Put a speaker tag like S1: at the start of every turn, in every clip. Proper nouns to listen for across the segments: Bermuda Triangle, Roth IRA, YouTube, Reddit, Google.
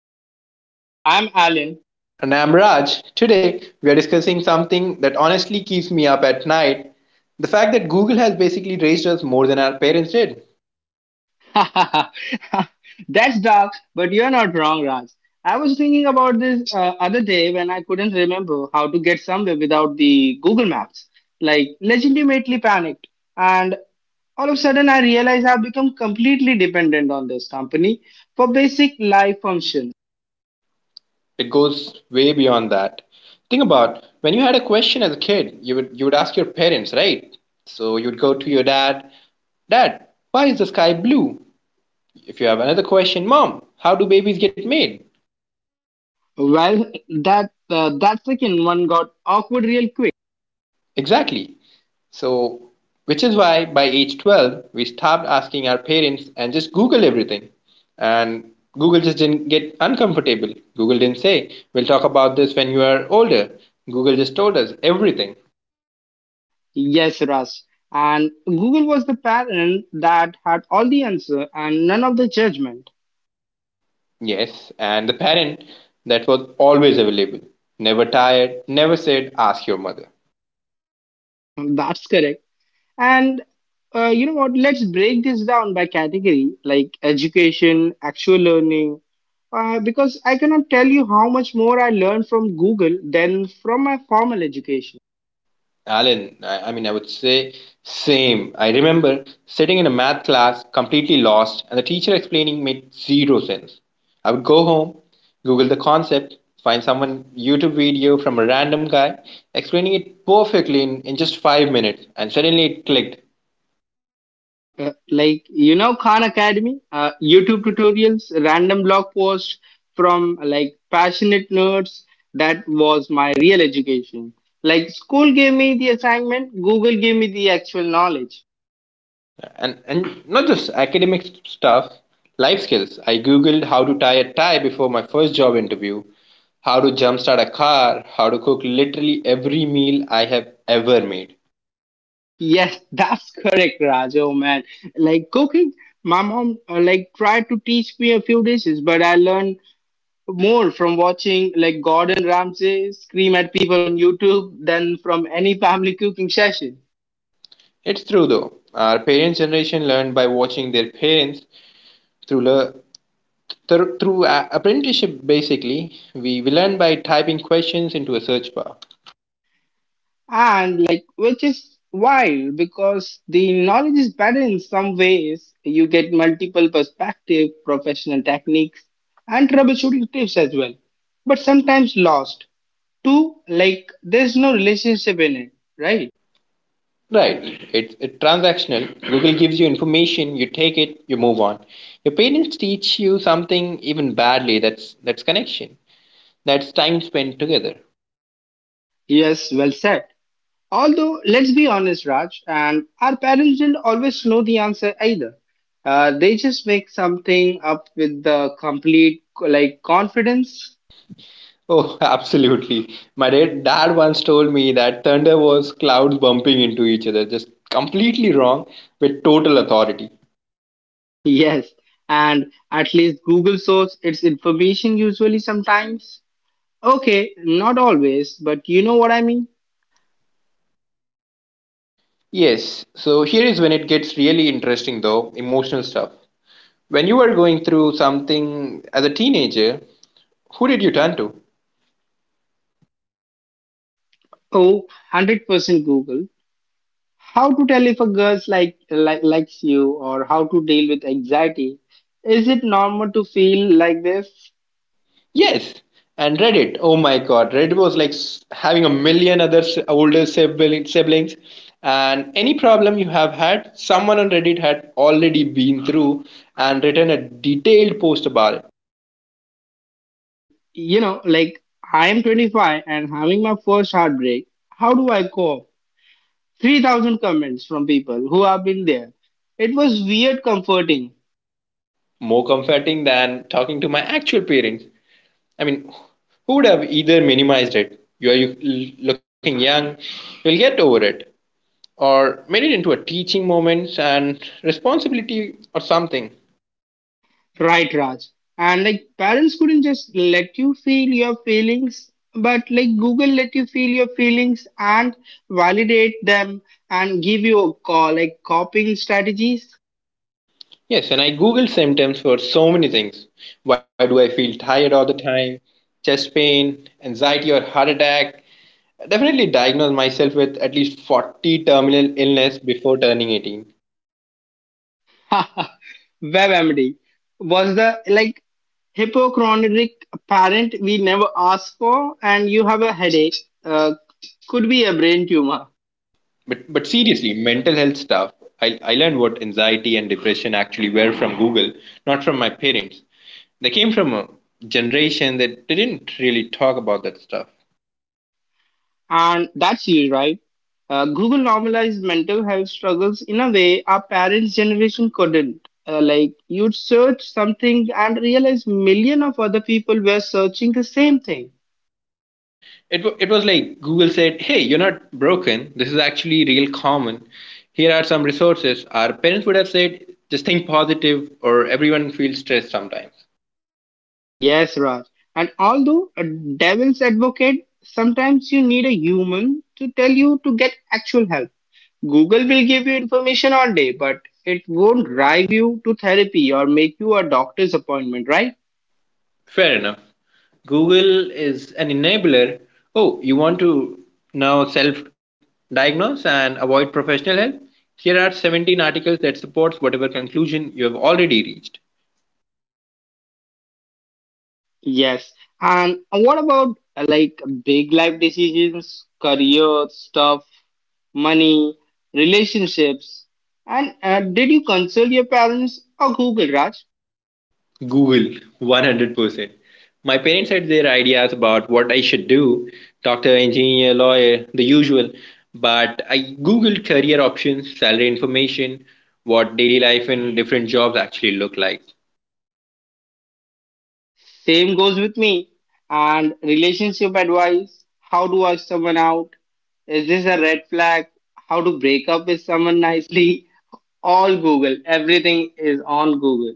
S1: everyone. Welcome back. I'm Alan.
S2: And I'm Raj. Today, we are discussing something that honestly keeps me up at night: the fact that Google has basically raised us more than our parents did.
S1: That's dark, but you're not wrong, Raj. I was thinking about this other day when I couldn't remember how to get somewhere without the Google Maps. Like, legitimately panicked. And all of a sudden, I realized I've become completely dependent on this company for basic life function.
S2: It goes way beyond that. Think about when you had a question as a kid, you would ask your parents, right? So you'd go to your dad, "Dad, why is the sky blue?" If you have another question, "Mom, how do babies get made?"
S1: Well, that second one got awkward real quick.
S2: Exactly. So, which is why by age 12, we stopped asking our parents and just Google everything. And Google just didn't get uncomfortable. Google didn't say, "We'll talk about this when you are older." Google just told us everything.
S1: Yes, Russ. And Google was the parent that had all the answer and none of the judgment.
S2: Yes, and the parent that was always available, never tired, never said, "ask your mother."
S1: That's correct. And You know what? Let's break this down by category, like education, actual learning, because I cannot tell you how much more I learned from Google than from my formal education.
S2: Alan, I mean, I would say same. I remember sitting in a math class completely lost, and the teacher explaining made zero sense. I would go home, Google the concept, find someone YouTube video from a random guy explaining it perfectly in just 5 minutes, and suddenly it clicked.
S1: Like you know Khan Academy, YouTube
S2: YouTube.
S1: tutorials, random blog posts from like passionate nerds. That was my real education. Like school gave me the assignment, Google gave me the actual knowledge.
S2: And not just academic stuff, life skills. I googled how to tie a tie before my first job interview, how to jumpstart a car, how to cook literally every meal I have ever made.
S1: Yes, that's correct, Raj. Oh man, like cooking, my mom like tried to teach me a few dishes, but I learned more from watching like Gordon Ramsay scream at people on YouTube than from any family cooking session.
S2: It's true though, our parents generation learned by watching their parents through le- apprenticeship basically. We learn by typing questions into a search bar.
S1: And like which is wild because the knowledge is better in some ways. You get multiple perspective, professional techniques and troubleshooting tips as well, but sometimes lost too. Like there's no relationship in it, right?
S2: Right. It's transactional. Google gives you information, you take it, you move on. Your parents teach you something even badly. That's connection. That's time spent together.
S1: Yes, well said. Although, let's be honest, Raj, and our parents didn't always know the answer either. They just make something up with the complete like confidence.
S2: Oh, absolutely. My dad once told me that thunder was clouds bumping into each other, just completely wrong with total authority.
S1: Yes, and at least Google source its information usually sometimes. Okay, not always, but you know what I mean?
S2: Yes, so here is when it gets really interesting though: emotional stuff. When you were going through something as a teenager, who did you turn to?
S1: Oh, 100% Google. How to tell if a girl like likes you, or how to deal with anxiety? Is it normal to feel like this?
S2: Yes, and Reddit. Oh my God, Reddit was like having a million other older siblings, and any problem you have had, someone on Reddit had already been through and written a detailed post about it.
S1: You know, like I am 25 and having my first heartbreak. How do I cope? 3,000 comments from people who have been there. It was weird comforting.
S2: More comforting than talking to my actual parents. I mean, who would have either minimized it? "You are looking young, you'll get over it," or made it into a teaching moment and responsibility or something.
S1: Right, Raj. And like parents couldn't just let you feel your feelings, but like Google let you feel your feelings and validate them and give you a call, like copying strategies.
S2: Yes, and I googled symptoms for so many things. Why do I feel tired all the time? Chest pain, anxiety, or heart attack? I definitely diagnosed myself with at least 40 terminal illness before turning 18.
S1: WebMD was the like hypochondriac parent we never asked for, and you have a headache. Uh, could be a brain tumor.
S2: But seriously, mental health stuff. I learned what anxiety and depression actually were from Google, not from my parents. They came from a generation that didn't really talk about that stuff.
S1: And that's it, right? Google normalized mental health struggles in a way our parents' generation couldn't. Like you'd search something and realize million of other people were searching the same thing.
S2: It was like Google said, "Hey, you're not broken. This is actually real common. Here are some resources." Our parents would have said, "just think positive," or "everyone feels stressed sometimes."
S1: Yes, Raj. And although a devil's advocate, sometimes you need a human to tell you to get actual help. Google will give you information all day, but it won't drive you to therapy or make you a doctor's appointment, right?
S2: Fair enough. Google is an enabler. Oh, you want to now self diagnose and avoid professional help? Here are 17 articles that supports whatever conclusion you have already reached.
S1: Yes. And what about like big life decisions, career stuff, money, relationships? And did you consult your parents or Google, Raj?
S2: Google, 100%. My parents had their ideas about what I should do: doctor, engineer, lawyer, the usual. But I Googled career options, salary information, what daily life and different jobs actually look like.
S1: Same goes with me. And relationship advice, how to ask someone out? Is this a red flag? How to break up with someone nicely? All Google. Everything is on Google.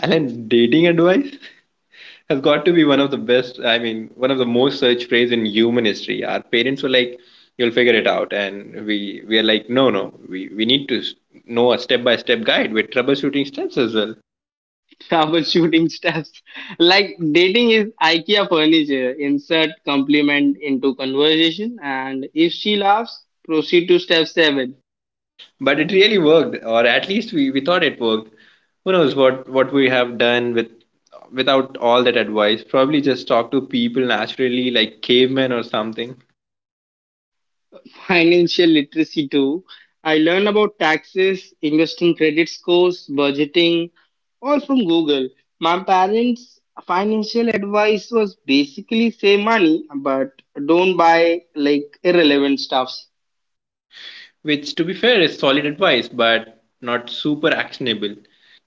S2: Alan, dating advice has got to be one of the best, I mean, one of the most searched phrase in human history. Our parents were like, "you'll figure it out." And we are like, "no, no, we need to know a step by step guide with troubleshooting steps as well."
S1: Troubleshooting steps. Like dating is IKEA furniture. Insert compliment into conversation, and if she laughs, proceed to step seven.
S2: But it really worked, or at least we thought it worked. Who knows what we have done with without all that advice? Probably just talk to people naturally like cavemen or something.
S1: Financial literacy too. I learned about taxes, investing credit scores, budgeting, all from Google. My parents' financial advice was basically save money, but don't buy like irrelevant stuff.
S2: Which to be fair is solid advice, but not super actionable.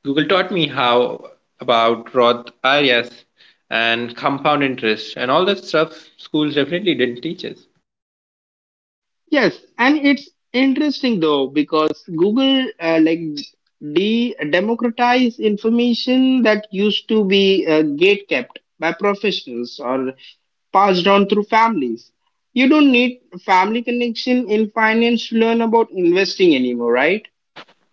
S2: Google taught me how about Roth IRAs and compound interest and all that stuff schools definitely didn't teach us.
S1: Yes, and it's interesting though because Google like de democratize information that used to be gatekept by professionals or passed on through families. You don't need family connection in finance to learn about investing anymore, right?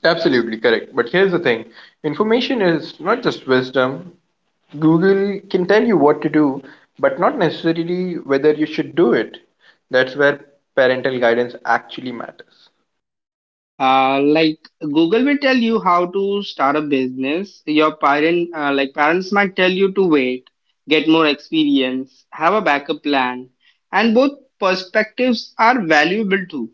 S2: Absolutely correct. But here's the thing: information is not just wisdom. Google can tell you what to do, but not necessarily whether you should do it. That's where parental guidance actually matters.
S1: Like Google will tell you how to start a business. Your like parents, might tell you to wait, get more experience, have a backup plan, and both perspectives are valuable too.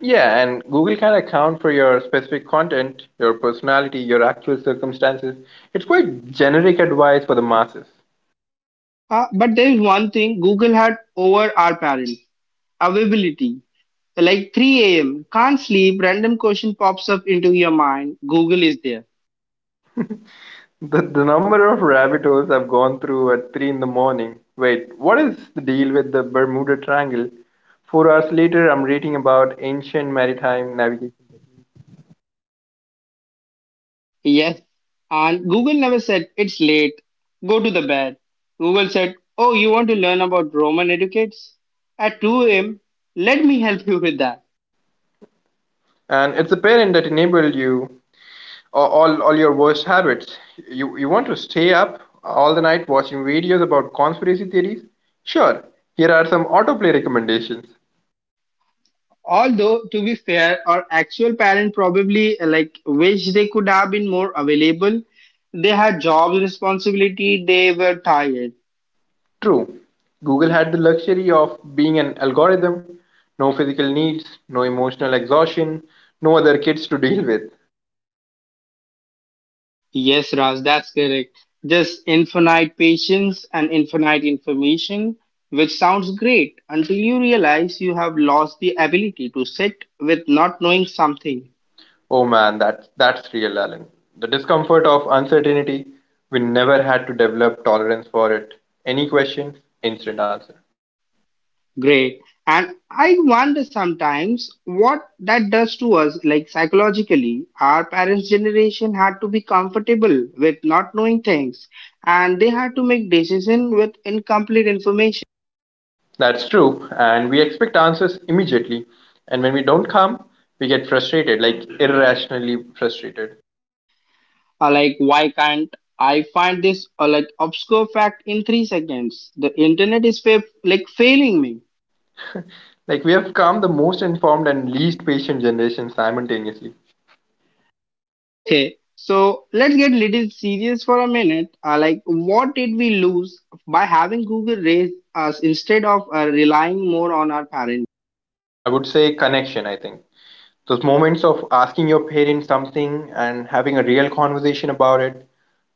S2: Yeah, and Google can account for your specific content, your personality, your actual circumstances. It's quite generic advice for the masses.
S1: But there is one thing Google had over our parents: availability. Like 3 a.m., can't sleep, random question pops up into your mind. Google is there.
S2: The number of rabbit holes I've gone through at 3 in the morning. Wait, what is the deal with the Bermuda Triangle? 4 hours later, I'm reading about ancient maritime navigation.
S1: Yes. And Google never said, it's late, go to the bed. Google said, oh, you want to learn about Roman educates? At 2 a.m., let me help you with that.
S2: And it's a parent that enabled you all your worst habits. You want to stay up all the night watching videos about conspiracy theories? Sure. Here are some autoplay recommendations.
S1: Although, to be fair, our actual parent probably like wish they could have been more available. They had jobs, responsibility, they were tired.
S2: True. Google had the luxury of being an algorithm, no physical needs, no emotional exhaustion, no other kids to deal with.
S1: Yes, Raj, that's correct. Just infinite patience and infinite information, which sounds great until you realize you have lost the ability to sit with not knowing something.
S2: Oh man, that's real, Alan. The discomfort of uncertainty. We never had to develop tolerance for it. Any questions? Instant answer.
S1: Great. And I wonder sometimes what that does to us, like psychologically. Our parents' generation had to be comfortable with not knowing things, and they had to make decisions with incomplete information.
S2: That's true, and we expect answers immediately. And when we don't come, we get frustrated, like irrationally frustrated.
S1: Like, why can't I find this like obscure fact in 3 seconds? The internet is like failing me.
S2: Like we have come the most informed and least patient generation simultaneously.
S1: Okay, so let's get little serious for a minute. Like, what did we lose by having Google raise us instead of relying more on our parents?
S2: I would say connection, I think. Those moments of asking your parents something and having a real conversation about it,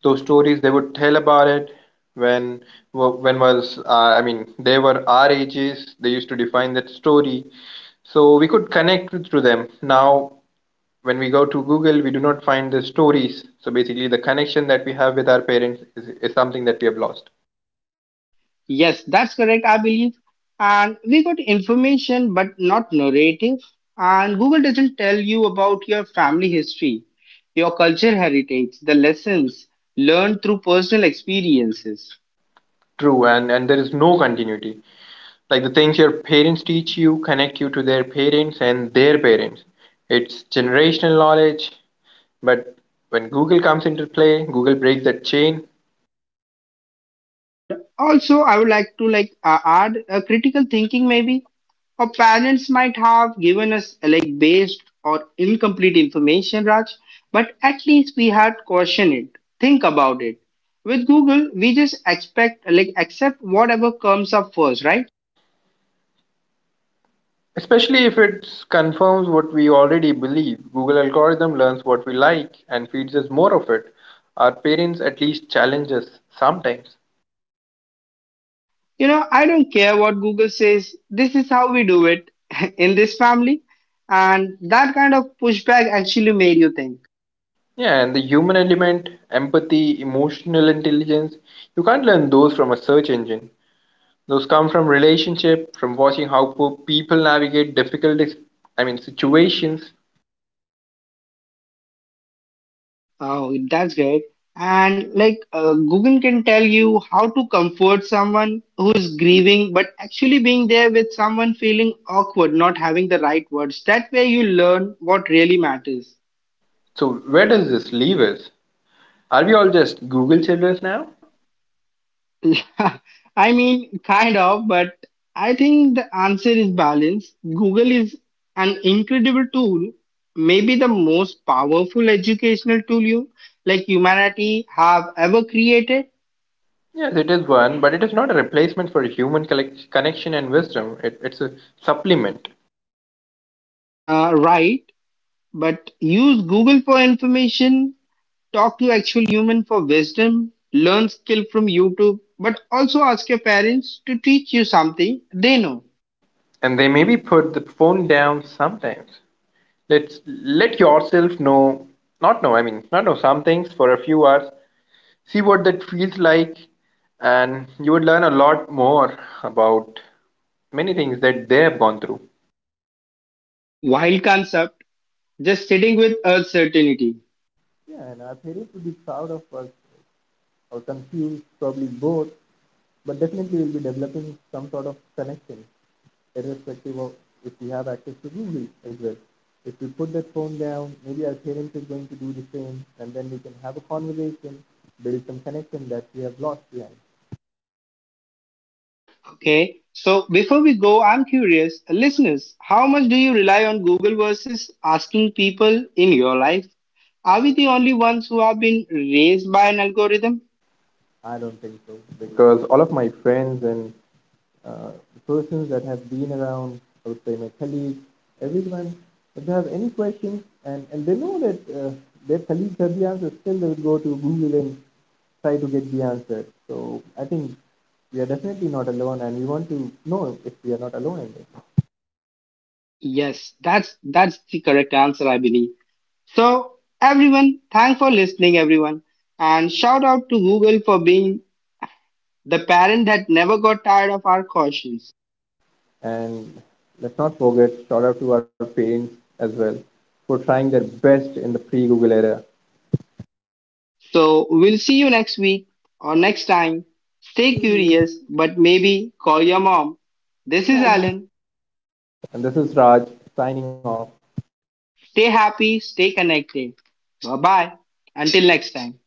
S2: those stories they would tell about it when wa- when was I mean, they were our ages, they used to define that story so we could connect through them. Now when we go to Google, we do not find the stories. So basically, the connection that we have with our parents is something that we have lost.
S1: Yes, that's correct, I believe. And we got information but not no narrative. And Google doesn't tell you about your family history, your culture heritage, the lessons learned through personal experiences.
S2: True, and there is no continuity. Like the things your parents teach you connect you to their parents and their parents. It's generational knowledge, but when Google comes into play, Google breaks that chain.
S1: And also, I would like to add a critical thinking maybe. Our parents might have given us like based or incomplete information, Raj, but at least we had questioned it. Think about it. With Google, we just expect like accept whatever comes up first, right?
S2: Especially if it confirms what we already believe. Google algorithm learns what we like and feeds us more of it. Our parents at least challenge us sometimes.
S1: You know, I don't care what Google says. This is how we do it in this family, and that kind of pushback actually made you think.
S2: Yeah, and the human element, empathy, emotional intelligence, you can't learn those from a search engine. Those come from relationship, from watching how poor people navigate difficult, I mean, situations.
S1: Oh, that's great. And Google can tell you how to comfort someone who is grieving, but actually being there with someone feeling awkward, not having the right words. That way you learn what really matters.
S2: So where does this leave us? Are we all just Google children now?
S1: I mean, kind of, but I think the answer is balance. Google is an incredible tool, maybe the most powerful educational tool you like humanity have ever created,
S2: Yes, it is one, but it is not a replacement for human connection and wisdom. It's a supplement,
S1: right? But use Google for information, talk to actual human for wisdom, learn skill from YouTube, but also ask your parents to teach you something they know.
S2: and they maybe put the phone down sometimes. Let's let yourself know, not know. I mean, not know some things for a few hours, see what that feels like, and you would learn a lot more about many things that they have gone through.
S1: Wild concept, just sitting with uncertainty.
S2: Yeah, and our parents would be proud of us or confused, probably both, but definitely we'll be developing some sort of connection, irrespective of if we have access to Google as well. If we put that phone down, maybe our parents are going to do the same, and then we can have a conversation, build some connection that we have lost behind.
S1: Okay. So before we go, I'm curious, listeners, how much do you rely on Google versus asking people in your life? Are we the only ones who have been raised by an algorithm?
S2: I don't think so, because all of my friends and the persons that have been around, I would say my colleagues, everyone, if they have any questions and they know that their colleagues have the answer, still they will go to Google and try to get the answer. So I think we are definitely not alone, and we want to know if we are not alone in this.
S1: Yes, that's the correct answer, I believe. So, everyone, thanks for listening, everyone. And shout out to Google for being the parent that never got tired of our cautions.
S2: And let's not forget, shout out to our parents as well for trying their best in the pre Google era.
S1: So, we'll see you next week or next time. Stay curious, but maybe call your mom. This is Alan.
S2: And this is Raj signing off.
S1: Stay happy, stay connected. Bye bye. Until next time.